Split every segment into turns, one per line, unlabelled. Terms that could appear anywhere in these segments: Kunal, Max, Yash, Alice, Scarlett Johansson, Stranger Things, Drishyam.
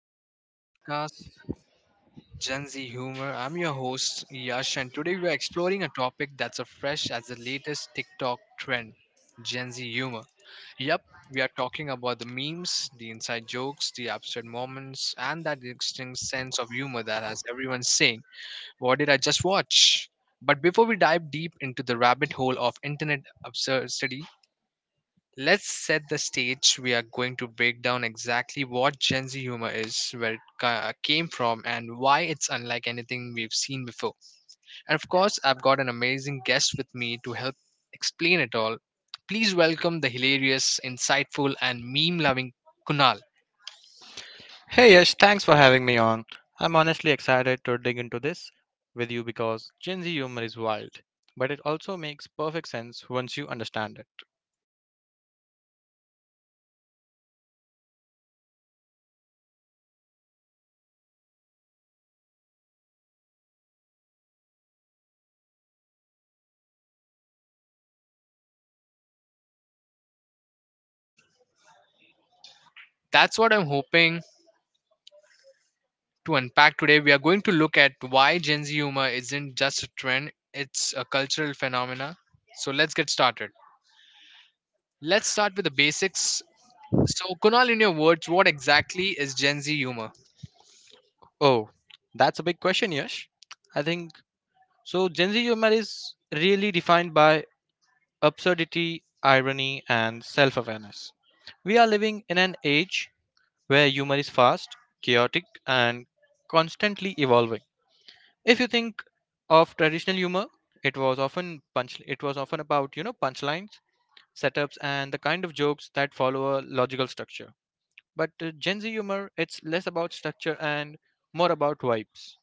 Welcome to our podcast, Gen Z Humor. I'm your host, Yash, and today we're exploring a topic that's as fresh as the latest TikTok trend. Gen Z humor. Yep, we are talking about the memes, the inside jokes, the absurd moments, and that distinct sense of humor that has everyone saying, what did I just watch? But before we dive deep into the rabbit hole of internet absurdity, let's set the stage. We are going to break down exactly what Gen Z humor is, where it came from, and why it's unlike anything we've seen before. And of course, I've got an amazing guest with me to help explain it all. Please welcome the hilarious, insightful, and meme loving Kunal.
Hey Yash, thanks for having me on. I'm honestly excited to dig into this with you because Gen Z humor is wild, but it also makes perfect sense once you understand it.
That's what I'm hoping to unpack today. We are going to look at why Gen Z humor isn't just a trend, it's a cultural phenomena. So let's get started. Let's start with the basics. So, Kunal, in your words, what exactly is Gen Z humor?
Oh, that's a big question, Yash. I think so. Gen Z humor is really defined by absurdity, irony, and self awareness. We are living in an age where humor is fast, chaotic, and constantly evolving. If you think of traditional humor, it was often about, punchlines, setups and the kind of jokes that follow a logical structure. But Gen Z humor, it's less about structure and more about vibes,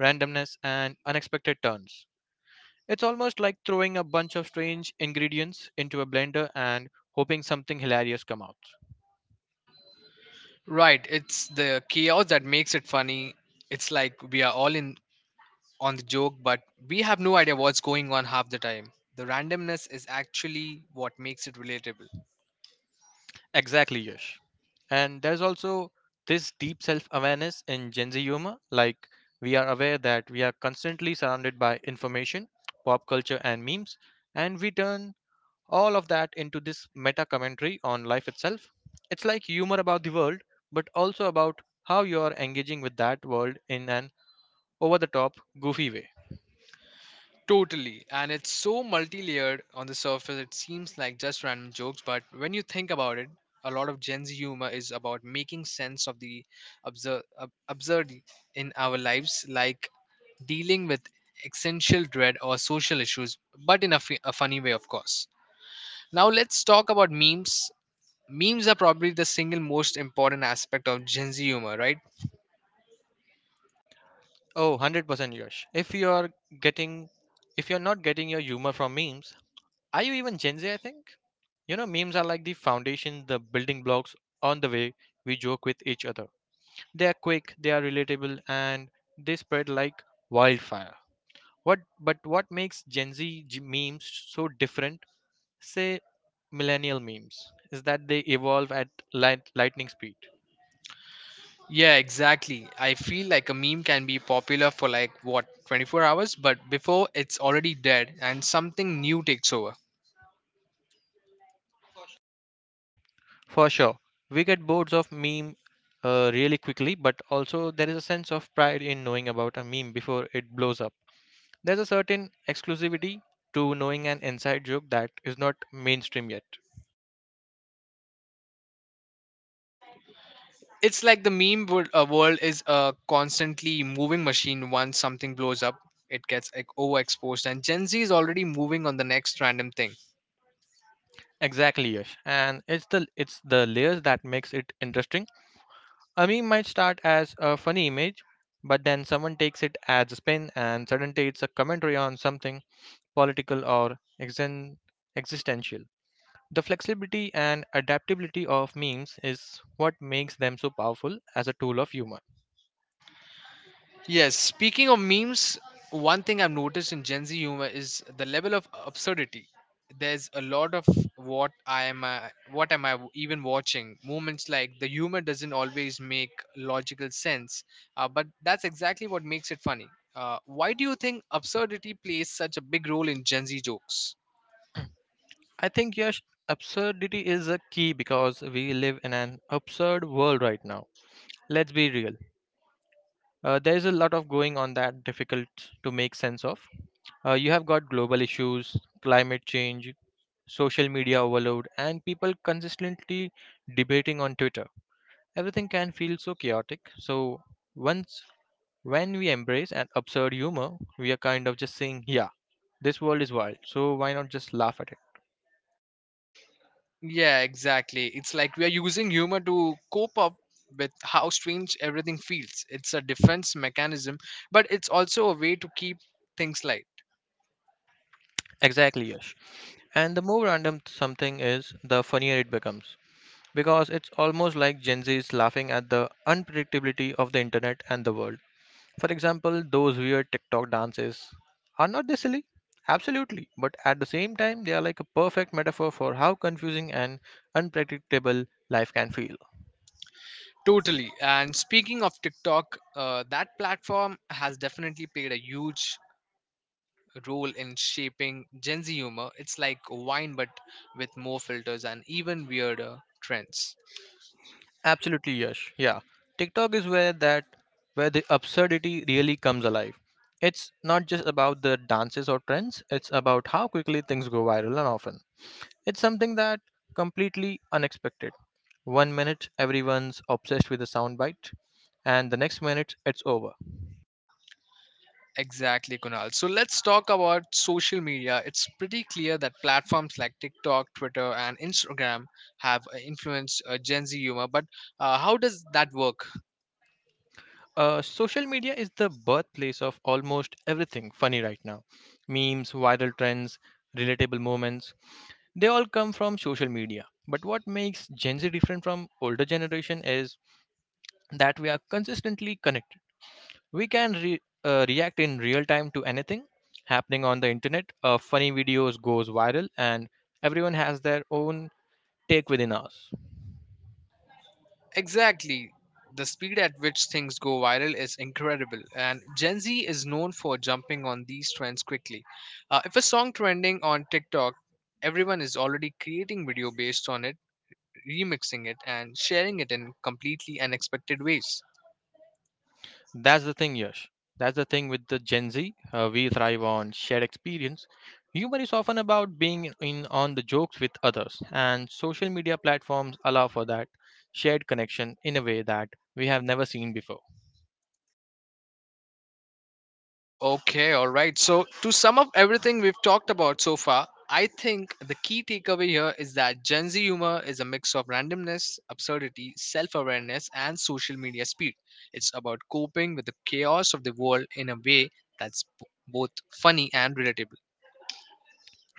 randomness and unexpected turns. It's almost like throwing a bunch of strange ingredients into a blender and hoping something hilarious comes out.
Right, it's the chaos that makes it funny. It's like we are all in on the joke, but we have no idea what's going on half the time. The randomness is actually what makes it relatable.
Exactly, Yash. And there's also this deep self awareness in Gen Z humor. Like, we are aware that we are constantly surrounded by information, pop culture, and memes, and we turn all of that into this meta commentary on life itself. It's like humor about the world, but also about how you are engaging with that world in an over the top, goofy way.
Totally, and it's so multi layered on the surface, it seems like just random jokes, but when you think about it, a lot of Gen Z humor is about making sense of the absurd, absurd in our lives, like dealing with existential dread or social issues, but in a funny way, of course. Now, let's talk about memes. Memes are probably the single most important aspect of Gen Z humor, right?
Oh, 100% Yash. Getting if you're not getting your humor from memes, are you even Gen Z, I think? You know, memes are like the foundation, the building blocks on the way we joke with each other. They are quick, they are relatable, and they spread like wildfire. What but what makes Gen Z memes so different, say millennial memes, is that they evolve at lightning speed.
Yeah, exactly. I feel like a meme can be popular for like what, 24 hours, but before it's already dead and something new takes over.
For sure. We get boards of meme really quickly, but also there is a sense of pride in knowing about a meme before it blows up. There's a certain exclusivity to knowing an inside joke that is not mainstream yet.
It's like the meme world is a constantly moving machine. Once something blows up, it gets like, overexposed, and Gen Z is already moving on the next random thing.
Exactly, Yash. And it's the layers that makes it interesting. A meme might start as a funny image, but then someone takes it as a spin and suddenly it's a commentary on something political or existential. The flexibility and adaptability of memes is what makes them so powerful as a tool of humor.
Yes, speaking of memes, one thing I've noticed in Gen Z humor is the level of absurdity. There's a lot of what I am, uh, what am even watching moments. Like the humor doesn't always make logical sense, but that's exactly what makes it funny. Why do you think absurdity plays such a big role in Gen Z jokes?
I think, Yash, absurdity is a key because we live in an absurd world right now. Let's be real. There is a lot of going on that difficult to make sense of. You have got global issues, climate change, social media overload, and people consistently debating on Twitter. Everything can feel so chaotic. So once when we embrace an absurd humor, we are kind of just saying, yeah, this world is wild. So why not just laugh at it?
Yeah, exactly. It's like we are using humor to cope up with how strange everything feels. It's a defense mechanism, but it's also a way to keep things light.
Exactly, Yash. And the more random something is, the funnier it becomes. Because it's almost like Gen Z is laughing at the unpredictability of the internet and the world. For example, those weird TikTok dances. Are not they silly? Absolutely. But at the same time, they are like a perfect metaphor for how confusing and unpredictable life can feel.
Totally. And speaking of TikTok, that platform has definitely played a huge role in shaping Gen Z humor. It's like wine, but with more filters and even weirder trends.
Absolutely, Yash. Yeah. TikTok is where that where the absurdity really comes alive. It's not just about the dances or trends, it's about how quickly things go viral and often. It's something that completely unexpected. One minute everyone's obsessed with a soundbite and the next minute it's over.
Exactly, Kunal. So let's talk about social media. It's pretty clear that platforms like TikTok, Twitter, and Instagram have influenced Gen Z humor. But how does that work?
Social media is the birthplace of almost everything funny right now. Memes, viral trends, relatable moments, they all come from social media. But what makes Gen Z different from older generation is that we are consistently connected. We can react in real time to anything happening on the internet. Funny videos goes viral and everyone has their own take within us.
Exactly. The speed at which things go viral is incredible, and Gen Z is known for jumping on these trends quickly. If a song trending on TikTok, everyone is already creating video based on it, remixing it, and sharing it in completely unexpected ways.
That's the thing, Yash. That's the thing with the Gen Z. We thrive on shared experience. Humor is often about being in on the jokes with others, and social media platforms allow for that shared connection in a way that we have never seen before.
Okay, all right. So, to sum up everything we've talked about so far, I think the key takeaway here is that Gen Z humor is a mix of randomness, absurdity, self awareness, and social media speed. It's about coping with the chaos of the world in a way that's both funny and relatable.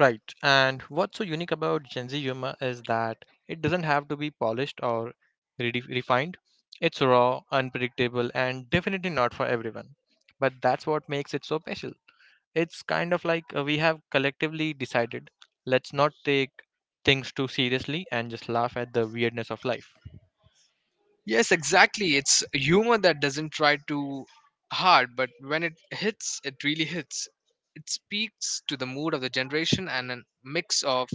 Right. And what's so unique about Gen Z humor is that it doesn't have to be polished or refined. It's raw, unpredictable, and definitely not for everyone. But that's what makes it so special. It's kind of like we have collectively decided let's not take things too seriously and just laugh at the weirdness of life.
Yes, exactly. It's humor that doesn't try too hard, but when it hits, it really hits. It speaks to the mood of the generation and a mix of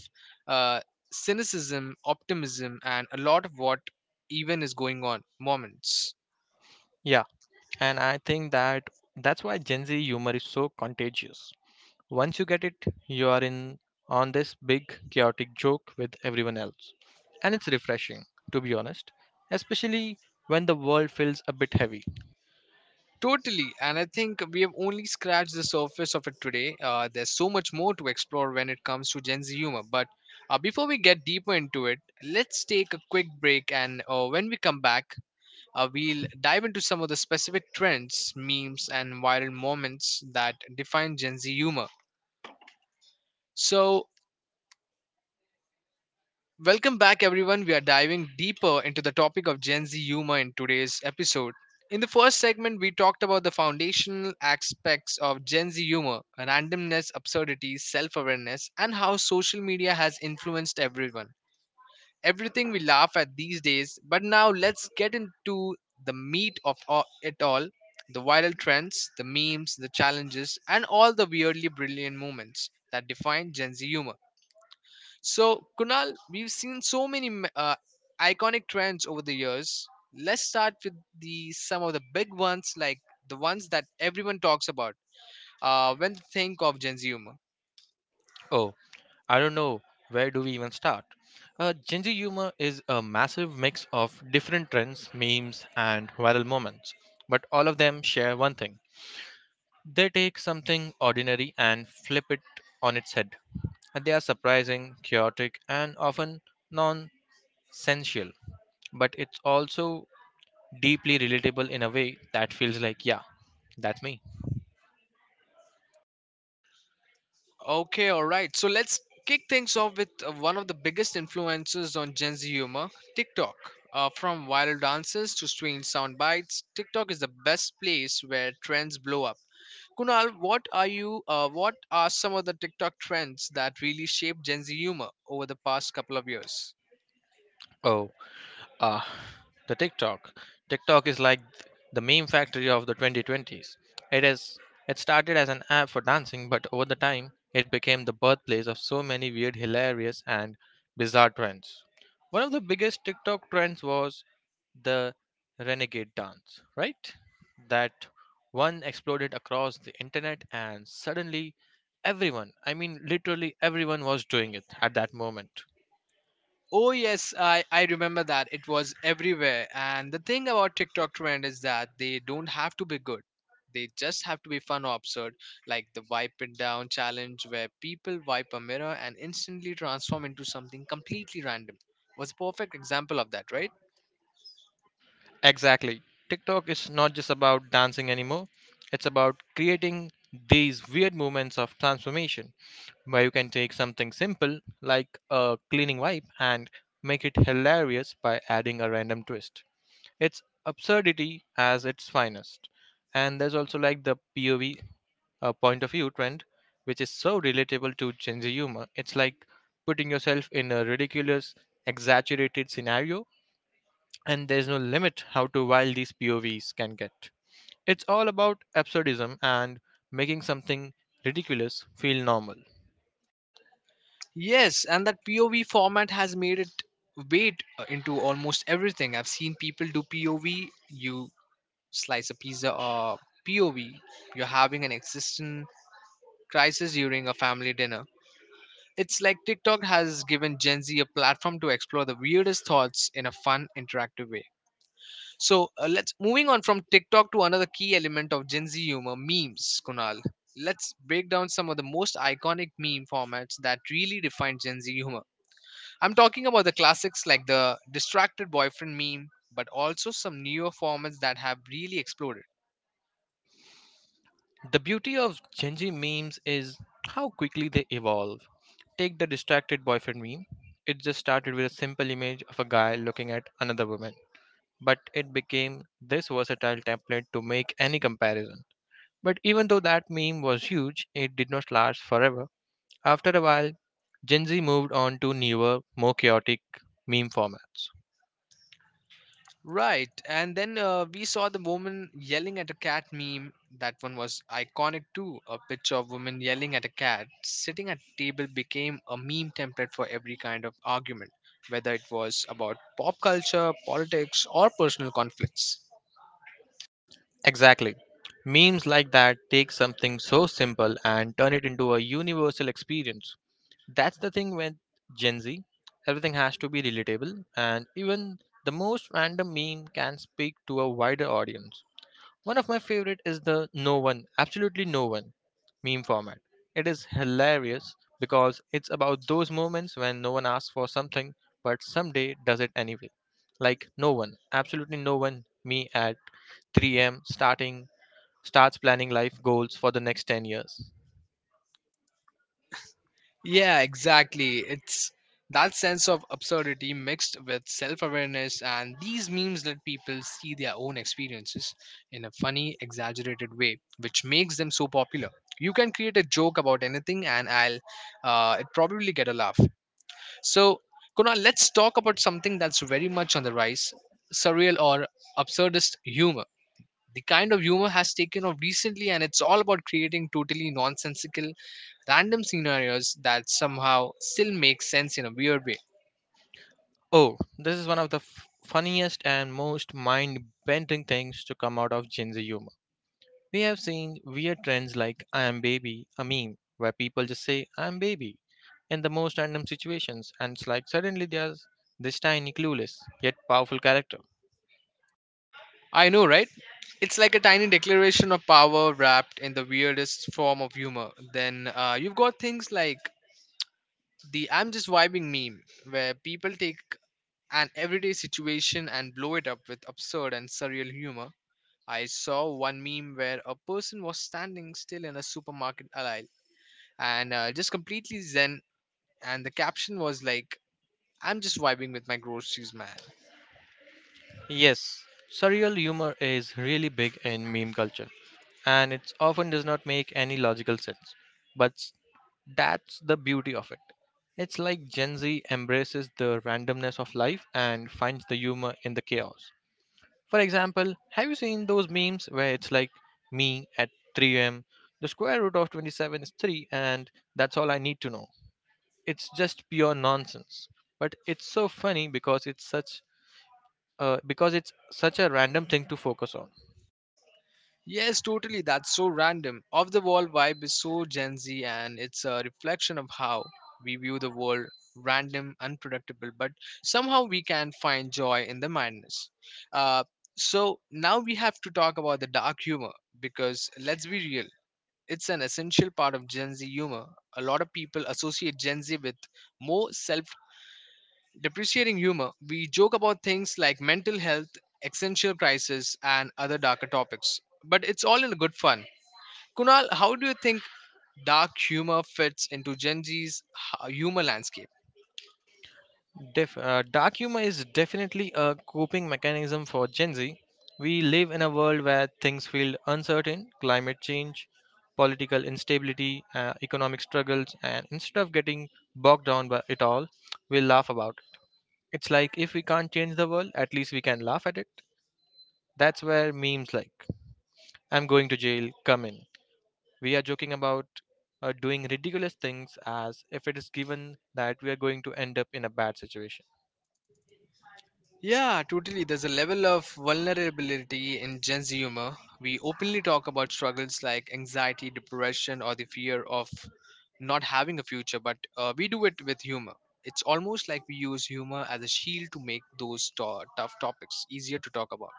uh, cynicism, optimism, and a lot of what even is going on moments.
Yeah, and I think that that's why Gen Z humor is so contagious. Once you get it, you are in on this big chaotic joke with everyone else. And it's refreshing, to be honest, especially when the world feels a bit heavy.
Totally, and I think we have only scratched the surface of it today. There's so much more to explore when it comes to Gen Z humor, but before we get deeper into it, let's take a quick break. And when we come back, we'll dive into some of the specific trends, memes, and viral moments that define Gen Z humor. So, welcome back, everyone. We are diving deeper into the topic of Gen Z humor in today's episode. In the first segment, we talked about the foundational aspects of Gen Z humor, randomness, absurdity, self awareness, and how social media has influenced everyone. Everything we laugh at these days. But now let's get into the meat of it all, the viral trends, the memes, the challenges, and all the weirdly brilliant moments that define Gen Z humor. So, Kunal, we've seen so many iconic trends over the years. Let's start with the some of the big ones, like the ones that everyone talks about when they think of Gen Z humor.
Oh, I don't know where do we even start. Gen Z humor is a massive mix of different trends, memes, and viral moments, but all of them share one thing: they take something ordinary and flip it on its head. And they are surprising, chaotic, and often nonsensical, but it's also deeply relatable in a way that feels like, yeah, that's me.
Okay, all right. So let's kick things off with one of the biggest influences on Gen Z humor, TikTok. From viral dances to strange sound bites, TikTok is the best place where trends blow up. Kunal, what are you? What are some of the TikTok trends that really shaped Gen Z humor over the past couple of years?
Oh. Ah, the TikTok. TikTok is like the meme factory of the 2020s. It is. It started as an app for dancing, but over the time, it became the birthplace of so many weird, hilarious, and bizarre trends. One of the biggest TikTok trends was the renegade dance, right? That one exploded across the internet, and suddenly everyone, I mean, literally everyone, was doing it at that moment.
Oh yes, I remember that. It was everywhere. And the thing about TikTok trend is that they don't have to be good. They just have to be fun or absurd, like the wipe it down challenge where people wipe a mirror and instantly transform into something completely random. Was a perfect example of that, right?
Exactly. TikTok is not just about dancing anymore, it's about creating these weird moments of transformation where you can take something simple like a cleaning wipe and make it hilarious by adding a random twist. It's absurdity as its finest. And there's also like the POV point of view trend, which is so relatable to Gen Z humor. It's like putting yourself in a ridiculous, exaggerated scenario, and there's no limit how to wild these povs can get. It's all about absurdism and making something ridiculous feel normal.
Yes, and that POV format has made it weight into almost everything. I've seen people do POV. You slice a pizza, or POV. You're having an existential crisis during a family dinner. It's like TikTok has given Gen Z a platform to explore the weirdest thoughts in a fun, interactive way. So let's moving on from TikTok to another key element of Gen Z humor: memes. Kunal, let's break down some of the most iconic meme formats that really define Gen Z humor. I'm talking about the classics like the distracted boyfriend meme, but also some newer formats that have really exploded.
The beauty of genji memes is how quickly they evolve. Take the distracted boyfriend meme. It just started with a simple image of a guy looking at another woman, but it became this versatile template to make any comparison. But even though that meme was huge, it did not last forever. After a while, Gen Z moved on to newer, more chaotic meme formats.
Right, and then we saw the woman yelling at a cat meme. That one was iconic too. A picture of woman yelling at a cat sitting at a table became a meme template for every kind of argument, whether it was about pop culture, politics, or personal conflicts.
Exactly. Memes like that take something so simple and turn it into a universal experience. That's the thing with Gen Z. Everything has to be relatable, and even the most random meme can speak to a wider audience. One of my favorite is the no one, absolutely no one meme format. It is hilarious because it's about those moments when no one asks for something but someday does it anyway. Like no one, absolutely no one, me at 3 a.m. starting starts planning life goals for the next 10 years.
Yeah, exactly. It's that sense of absurdity mixed with self awareness, and these memes let people see their own experiences in a funny, exaggerated way, which makes them so popular. You can create a joke about anything, and I'll it probably get a laugh. So, Kunal, let's talk about something that's very much on the rise, surreal or absurdist humor. The kind of humor has taken off recently, and it's all about creating totally nonsensical random scenarios that somehow still make sense in a weird way.
Oh, this is one of the funniest and most mind-bending things to come out of Gen Z humor. We have seen weird trends like I am baby, a meme, where people just say I am baby in the most random situations, and it's like suddenly there's this tiny, clueless, yet powerful character.
I know, right? It's like a tiny declaration of power wrapped in the weirdest form of humor. Then you've got things like the I'm just vibing meme, where people take an everyday situation and blow it up with absurd and surreal humor. I saw one meme where a person was standing still in a supermarket aisle and just completely zen, and the caption was like, I'm just vibing with my groceries, man.
Yes, surreal humor is really big in meme culture, and it often does not make any logical sense. But s- that's the beauty of it. It's like Gen Z embraces the randomness of life and finds the humor in the chaos. For example, have you seen those memes where it's like me at 3 a.m., the square root of 27 is 3, and that's all I need to know? It's just pure nonsense. But it's so funny because it's such a random thing to focus on.
Yes, totally. That's so random. Off the wall vibe is so Gen Z, and it's a reflection of how we view the world, random, unpredictable, but somehow we can find joy in the madness. Uh, so now we have to talk about the dark humor, because let's be real, it's an essential part of Gen Z humor. A lot of people associate Gen Z with more self depreciating humor. We joke about things like mental health, existential crisis, and other darker topics. But it's all in good fun. Kunal, how do you think dark humor fits into Gen Z's humor landscape?
Dark humor is definitely a coping mechanism for Gen Z. We live in a world where things feel uncertain: climate change, political instability, economic struggles, and instead of getting bogged down by it all, we laugh about. It's like if we can't change the world, at least we can laugh at it. That's where memes like I'm going to jail come in. We are joking about doing ridiculous things as if it is given that we are going to end up in a bad situation.
Yeah, totally. There's a level of vulnerability in Gen Z humor. We openly talk about struggles like anxiety, depression, or the fear of not having a future, but we do it with humor. It's almost like we use humor as a shield to make those tough topics easier to talk about.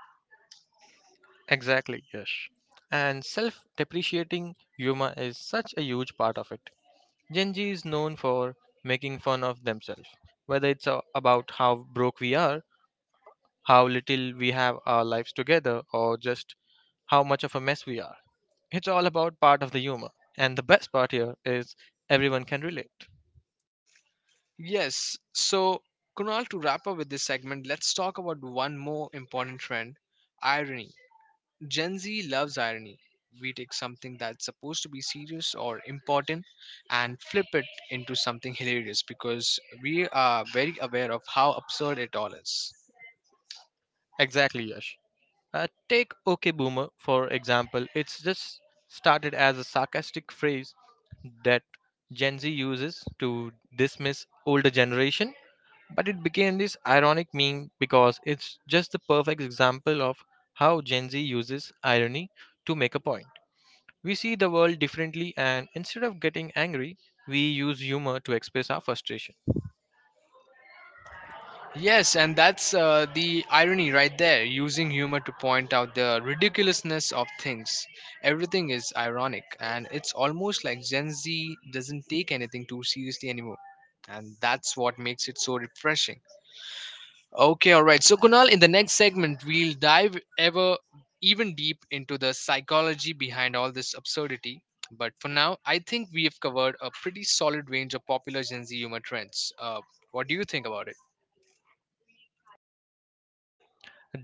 Exactly, Yash. And self depreciating humor is such a huge part of it. Gen Z is known for making fun of themselves, whether it's about how broke we are, how little we have our lives together, or just how much of a mess we are. It's all about part of the humor. And the best part here is everyone can relate.
Yes, so Kunal, to wrap up with this segment, let's talk about one more important trend, irony. Gen Z loves irony. We take something that's supposed to be serious or important and flip it into something hilarious because we are very aware of how absurd it all is.
Exactly, Yash. Take OK Boomer, for example. It's just Started as a sarcastic phrase that Gen Z uses to dismiss older generation, but it became this ironic meme because it's just the perfect example of how Gen Z uses irony to make a point. We see the world differently and instead of getting angry, we use humor to express our frustration.
Yes, and that's the irony right there, using humor to point out the ridiculousness of things. Everything is ironic, and it's almost like Gen Z doesn't take anything too seriously anymore. And that's what makes it so refreshing. Okay, all right. So, Kunal, in the next segment, we'll dive ever even deep into the psychology behind all this absurdity. But for now, I think we have covered a pretty solid range of popular Gen Z humor trends. What do you think about it?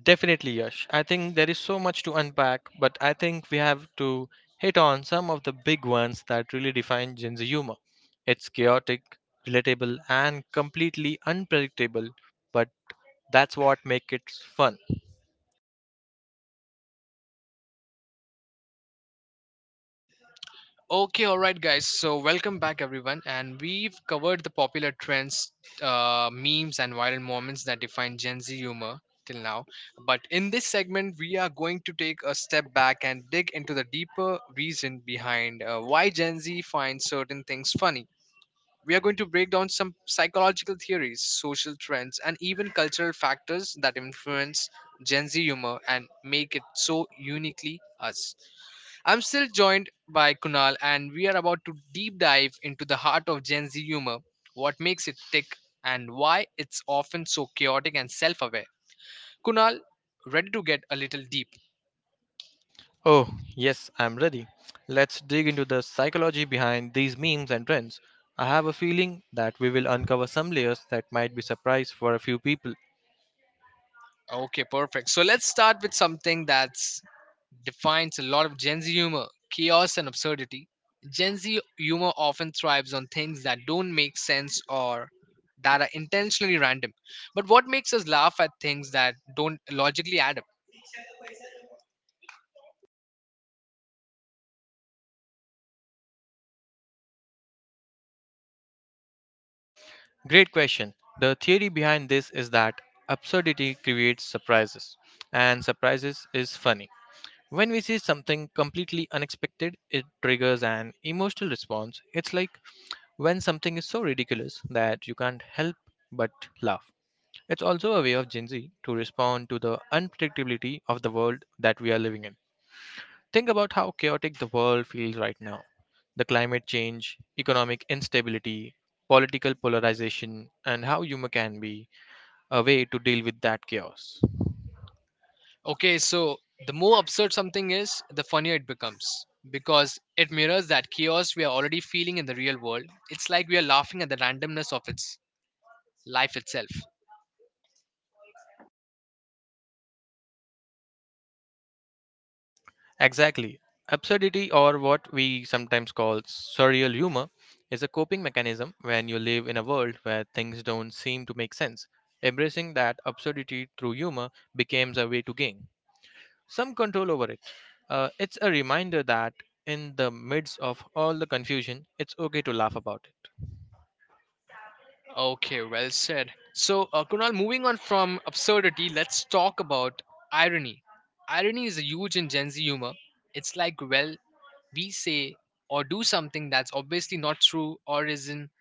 Definitely, Yash. I think there is so much to unpack, but I think we have to hit on some of the big ones that really define Gen Z humor. It's chaotic, relatable, and completely unpredictable, but that's what makes it fun.
Okay, all right, guys. So, welcome back, everyone. And we've covered the popular trends, memes, and viral moments that define Gen Z humor till now. But in this segment, we are going to take a step back and dig into the deeper reason behind why Gen Z finds certain things funny. We are going to break down some psychological theories, social trends, and even cultural factors that influence Gen Z humor and make it so uniquely us. I'm still joined by Kunal, and we are about to deep dive into the heart of Gen Z humor, what makes it tick, and why it's often so chaotic and self aware. Kunal, ready to get a little deep?
Oh, yes, I'm ready. Let's dig into the psychology behind these memes and trends. I have a feeling that we will uncover some layers that might be surprise for a few people.
Okay, perfect. So let's start with something that defines a lot of Gen Z humor chaos and absurdity. Gen Z humor often thrives on things that don't make sense or that are intentionally random. But what makes us laugh at things that don't logically add up?
Great question. The theory behind this is that absurdity creates surprises, and surprises is funny. When we see something completely unexpected, it triggers an emotional response. It's like when something is so ridiculous that you can't help but laugh. It's also a way of Gen Z to respond to the unpredictability of the world that we are living in. Think about how chaotic the world feels right now. The climate change, economic instability, political polarization, and how humor can be a way to deal with that chaos.
Okay, so the more absurd something is, the funnier it becomes because it mirrors that chaos we are already feeling in the real world. It's like we are laughing at the randomness of its life itself.
Exactly. Absurdity, or what we sometimes call surreal humor, is a coping mechanism when you live in a world where things don't seem to make sense. Embracing that absurdity through humor becomes a way to gain some control over it. It's a reminder that in the midst of all the confusion, it's okay to laugh about it.
Okay, well said. So, Kunal, moving on from absurdity, let's talk about irony. Irony is huge in Gen Z humor. It's like, well, we say or do something that's obviously not true or isn't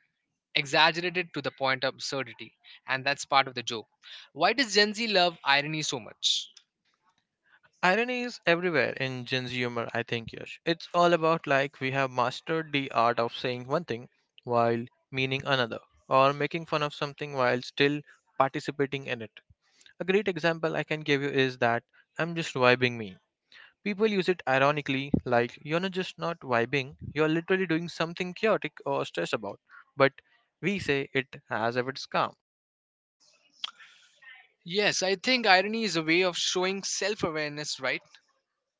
exaggerated to the point of absurdity, and that's part of the joke. Why does Gen Z love irony so much?
Irony is everywhere in Gen Z humor, I think, Yash. It's all about like we have mastered the art of saying one thing while meaning another, or making fun of something while still participating in it. A great example I can give you is that I'm just vibing me. People use it ironically, like you're not just not vibing, you're literally doing something chaotic or stressed about. But we say it as if it's calm.
Yes, I think irony is a way of showing self awareness, right?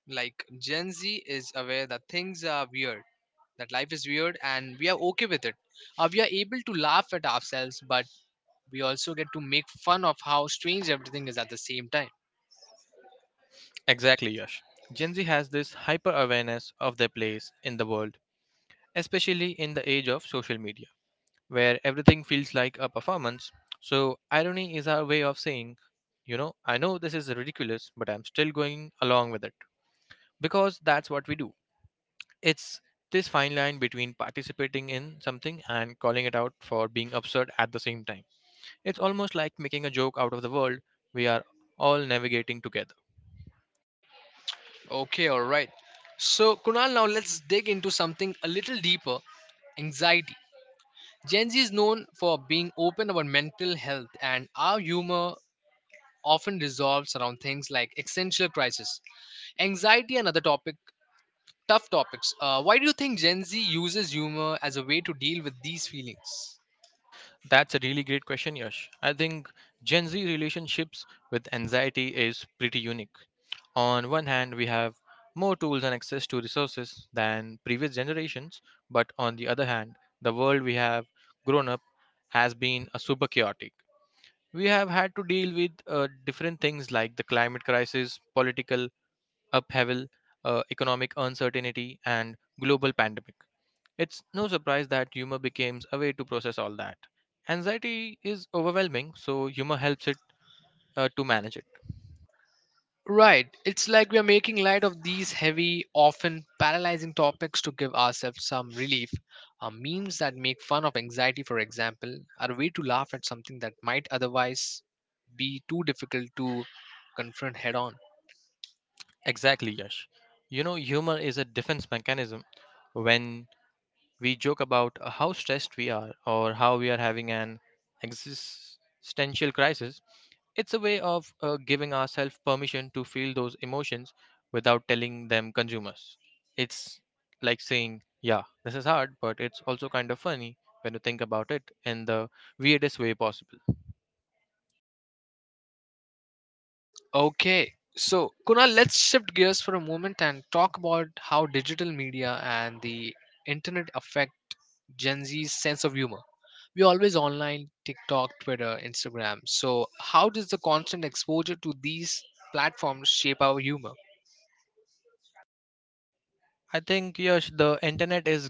Like, Gen Z is aware that things are weird, that life is weird, and we are okay with it. We are able to laugh at ourselves, but we also get to make fun of how strange everything is at the same time.
Exactly, Yash. Gen Z has this hyper awareness of their place in the world, especially in the age of social media, where everything feels like a performance. So, irony is our way of saying, you know, I know this is ridiculous, but I'm still going along with it. Because that's what we do. It's this fine line between participating in something and calling it out for being absurd at the same time. It's almost like making a joke out of the world we are all navigating together.
Okay, alright. So, Kunal, now let's dig into something a little deeper anxiety. Gen Z is known for being open about mental health, and our humor often resolves around things like existential crisis, anxiety, and other topic tough topics. Why do you think Gen Z uses humor as a way to deal with these feelings?
That's a really great question, Yash. I think Gen Z relationships with anxiety is pretty unique. On one hand, we have more tools and access to resources than previous generations, but on the other hand, the world we have grown up has been a super chaotic. We have had to deal with different things like the climate crisis, political upheaval, economic uncertainty, and global pandemic. It's no surprise that humor becomes a way to process all that. Anxiety is overwhelming, so humor helps it to manage it.
Right, it's like we are making light of these heavy, often paralyzing topics to give ourselves some relief. Memes that make fun of anxiety, for example, are a way to laugh at something that might otherwise be too difficult to confront head on.
Exactly, Yash. You know, humor is a defense mechanism. When we joke about how stressed we are or how we are having an existential crisis, it's a way of giving ourselves permission to feel those emotions without telling them consumers. It's like saying, yeah, this is hard, but it's also kind of funny when you think about it in the weirdest way possible.
Okay, so Kunal, let's shift gears for a moment and talk about how digital media and the internet affect Gen Z's sense of humor. We're always online, TikTok, Twitter, Instagram. So, how does the constant exposure to these platforms shape our humor?
I think, Yash, the internet is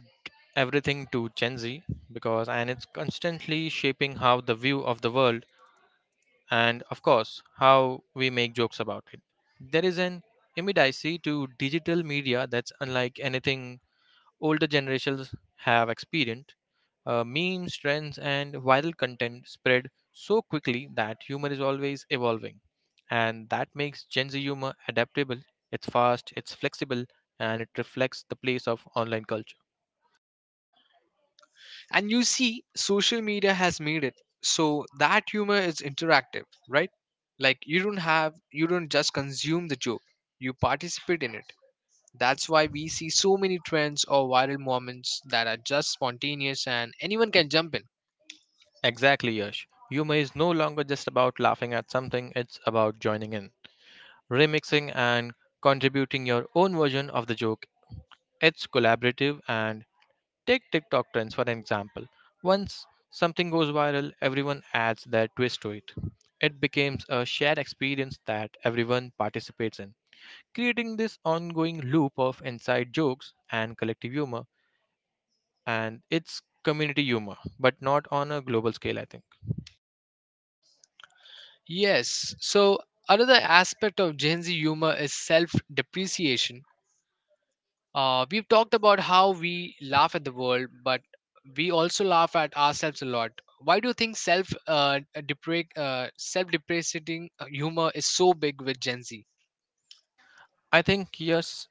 everything to Gen Z because, and it's constantly shaping how the view of the world and, of course, how we make jokes about it. There is an immediacy to digital media that's unlike anything older generations have experienced. Memes, trends, and viral content spread so quickly that humor is always evolving. And that makes Gen Z humor adaptable, it's fast, it's flexible, and it reflects the place of online culture.
And you see, social media has made it so that humor is interactive, right? Like you don't just consume the joke, you participate in it. That's why we see so many trends or viral moments that are just spontaneous and anyone can jump in.
Exactly, Yash. Humor is no longer just about laughing at something, it's about joining in, remixing, and contributing your own version of the joke. It's collaborative, and take TikTok trends for an example. Once something goes viral, everyone adds their twist to it. It becomes a shared experience that everyone participates in, creating this ongoing loop of inside jokes and collective humor. And it's community humor, but not on a global scale, I think.
Yes, so another aspect of Gen Z humor is self depreciation. We've talked about how we laugh at the world, but we also laugh at ourselves a lot. Why do you think self depreciating humor is so big with Gen Z?
I think, yes,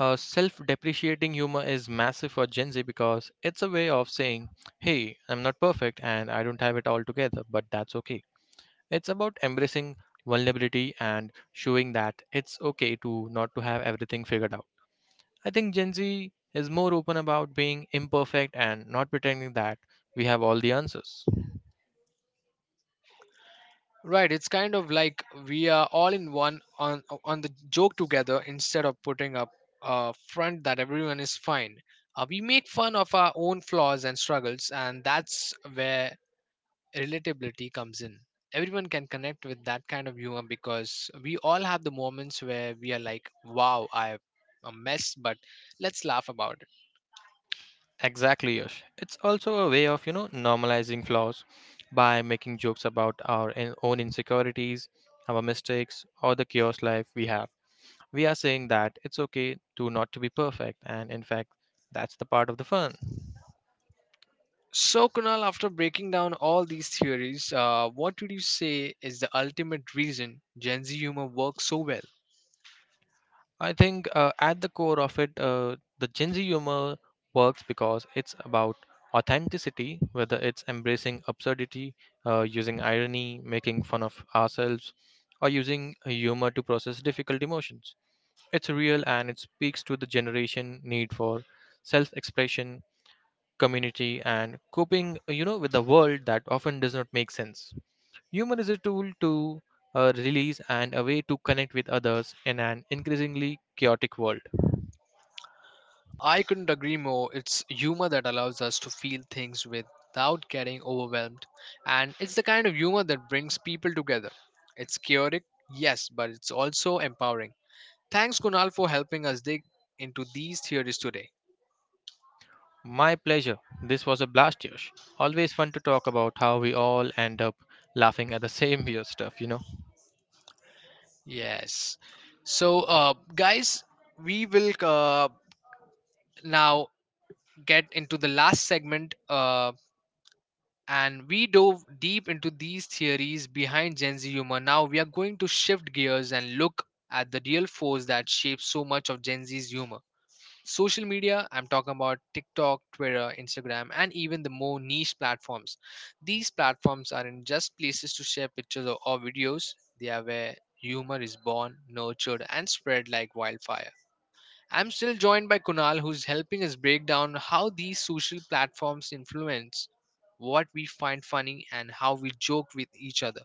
self depreciating humor is massive for Gen Z because it's a way of saying, hey, I'm not perfect and I don't have it all together, but that's okay. It's about embracing vulnerability and showing that it's okay to not to have everything figured out. I think Gen Z is more open about being imperfect and not pretending that we have all the answers.
Right, it's kind of like we are all in one on the joke together instead of putting up a front that everyone is fine. We make fun of our own flaws and struggles, and that's where relatability comes in. Everyone can connect with that kind of humor because we all have the moments where we are like, "Wow, I a mess," but let's laugh about it.
Exactly, Yash. It's also a way of, you know, normalizing flaws by making jokes about our own insecurities, our mistakes, or the chaos life we have. We are saying that it's okay to not to be perfect, and in fact, that's the part of the fun.
So, Kunal, after breaking down all these theories, what would you say is the ultimate reason Gen Z humor works so well?
I think at the core of it, the Gen Z humor works because it's about authenticity, whether it's embracing absurdity, using irony, making fun of ourselves, or using humor to process difficult emotions. It's real and it speaks to the generation need for self expression, community, and coping, you know, with the world that often does not make sense. Humor is a tool to release and a way to connect with others in an increasingly chaotic world.
I couldn't agree more. It's humor that allows us to feel things without getting overwhelmed. And it's the kind of humor that brings people together. It's chaotic, yes, but it's also empowering. Thanks, Kunal, for helping us dig into these theories today.
My pleasure. This was a blast, Yash. Always fun to talk about how we all end up laughing at the same weird stuff, you know?
Yes. So, guys, we will now get into the last segment. And we dove deep into these theories behind Gen Z humor. Now we are going to shift gears and look at the real force that shapes so much of Gen Z's humor. Social media, I'm talking about TikTok, Twitter, Instagram, and even the more niche platforms. These platforms aren't just places to share pictures or videos, they are where humor is born, nurtured, and spread like wildfire. I'm still joined by Kunal, who's helping us break down how these social platforms influence what we find funny and how we joke with each other.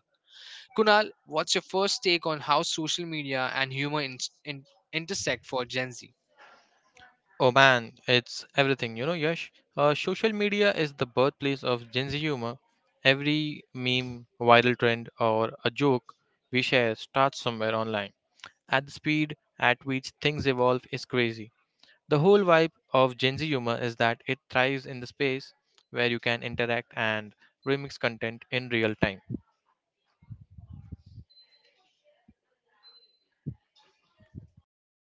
Kunal, what's your first take on how social media and humor in- intersect for Gen Z?
Oh man, it's everything, you know, Yash. Social media is the birthplace of Gen Z humor. Every meme, viral trend, or a joke we share starts somewhere online. At the speed at which things evolve is crazy. The whole vibe of Gen Z humor is that it thrives in the space where you can interact and remix content in real time.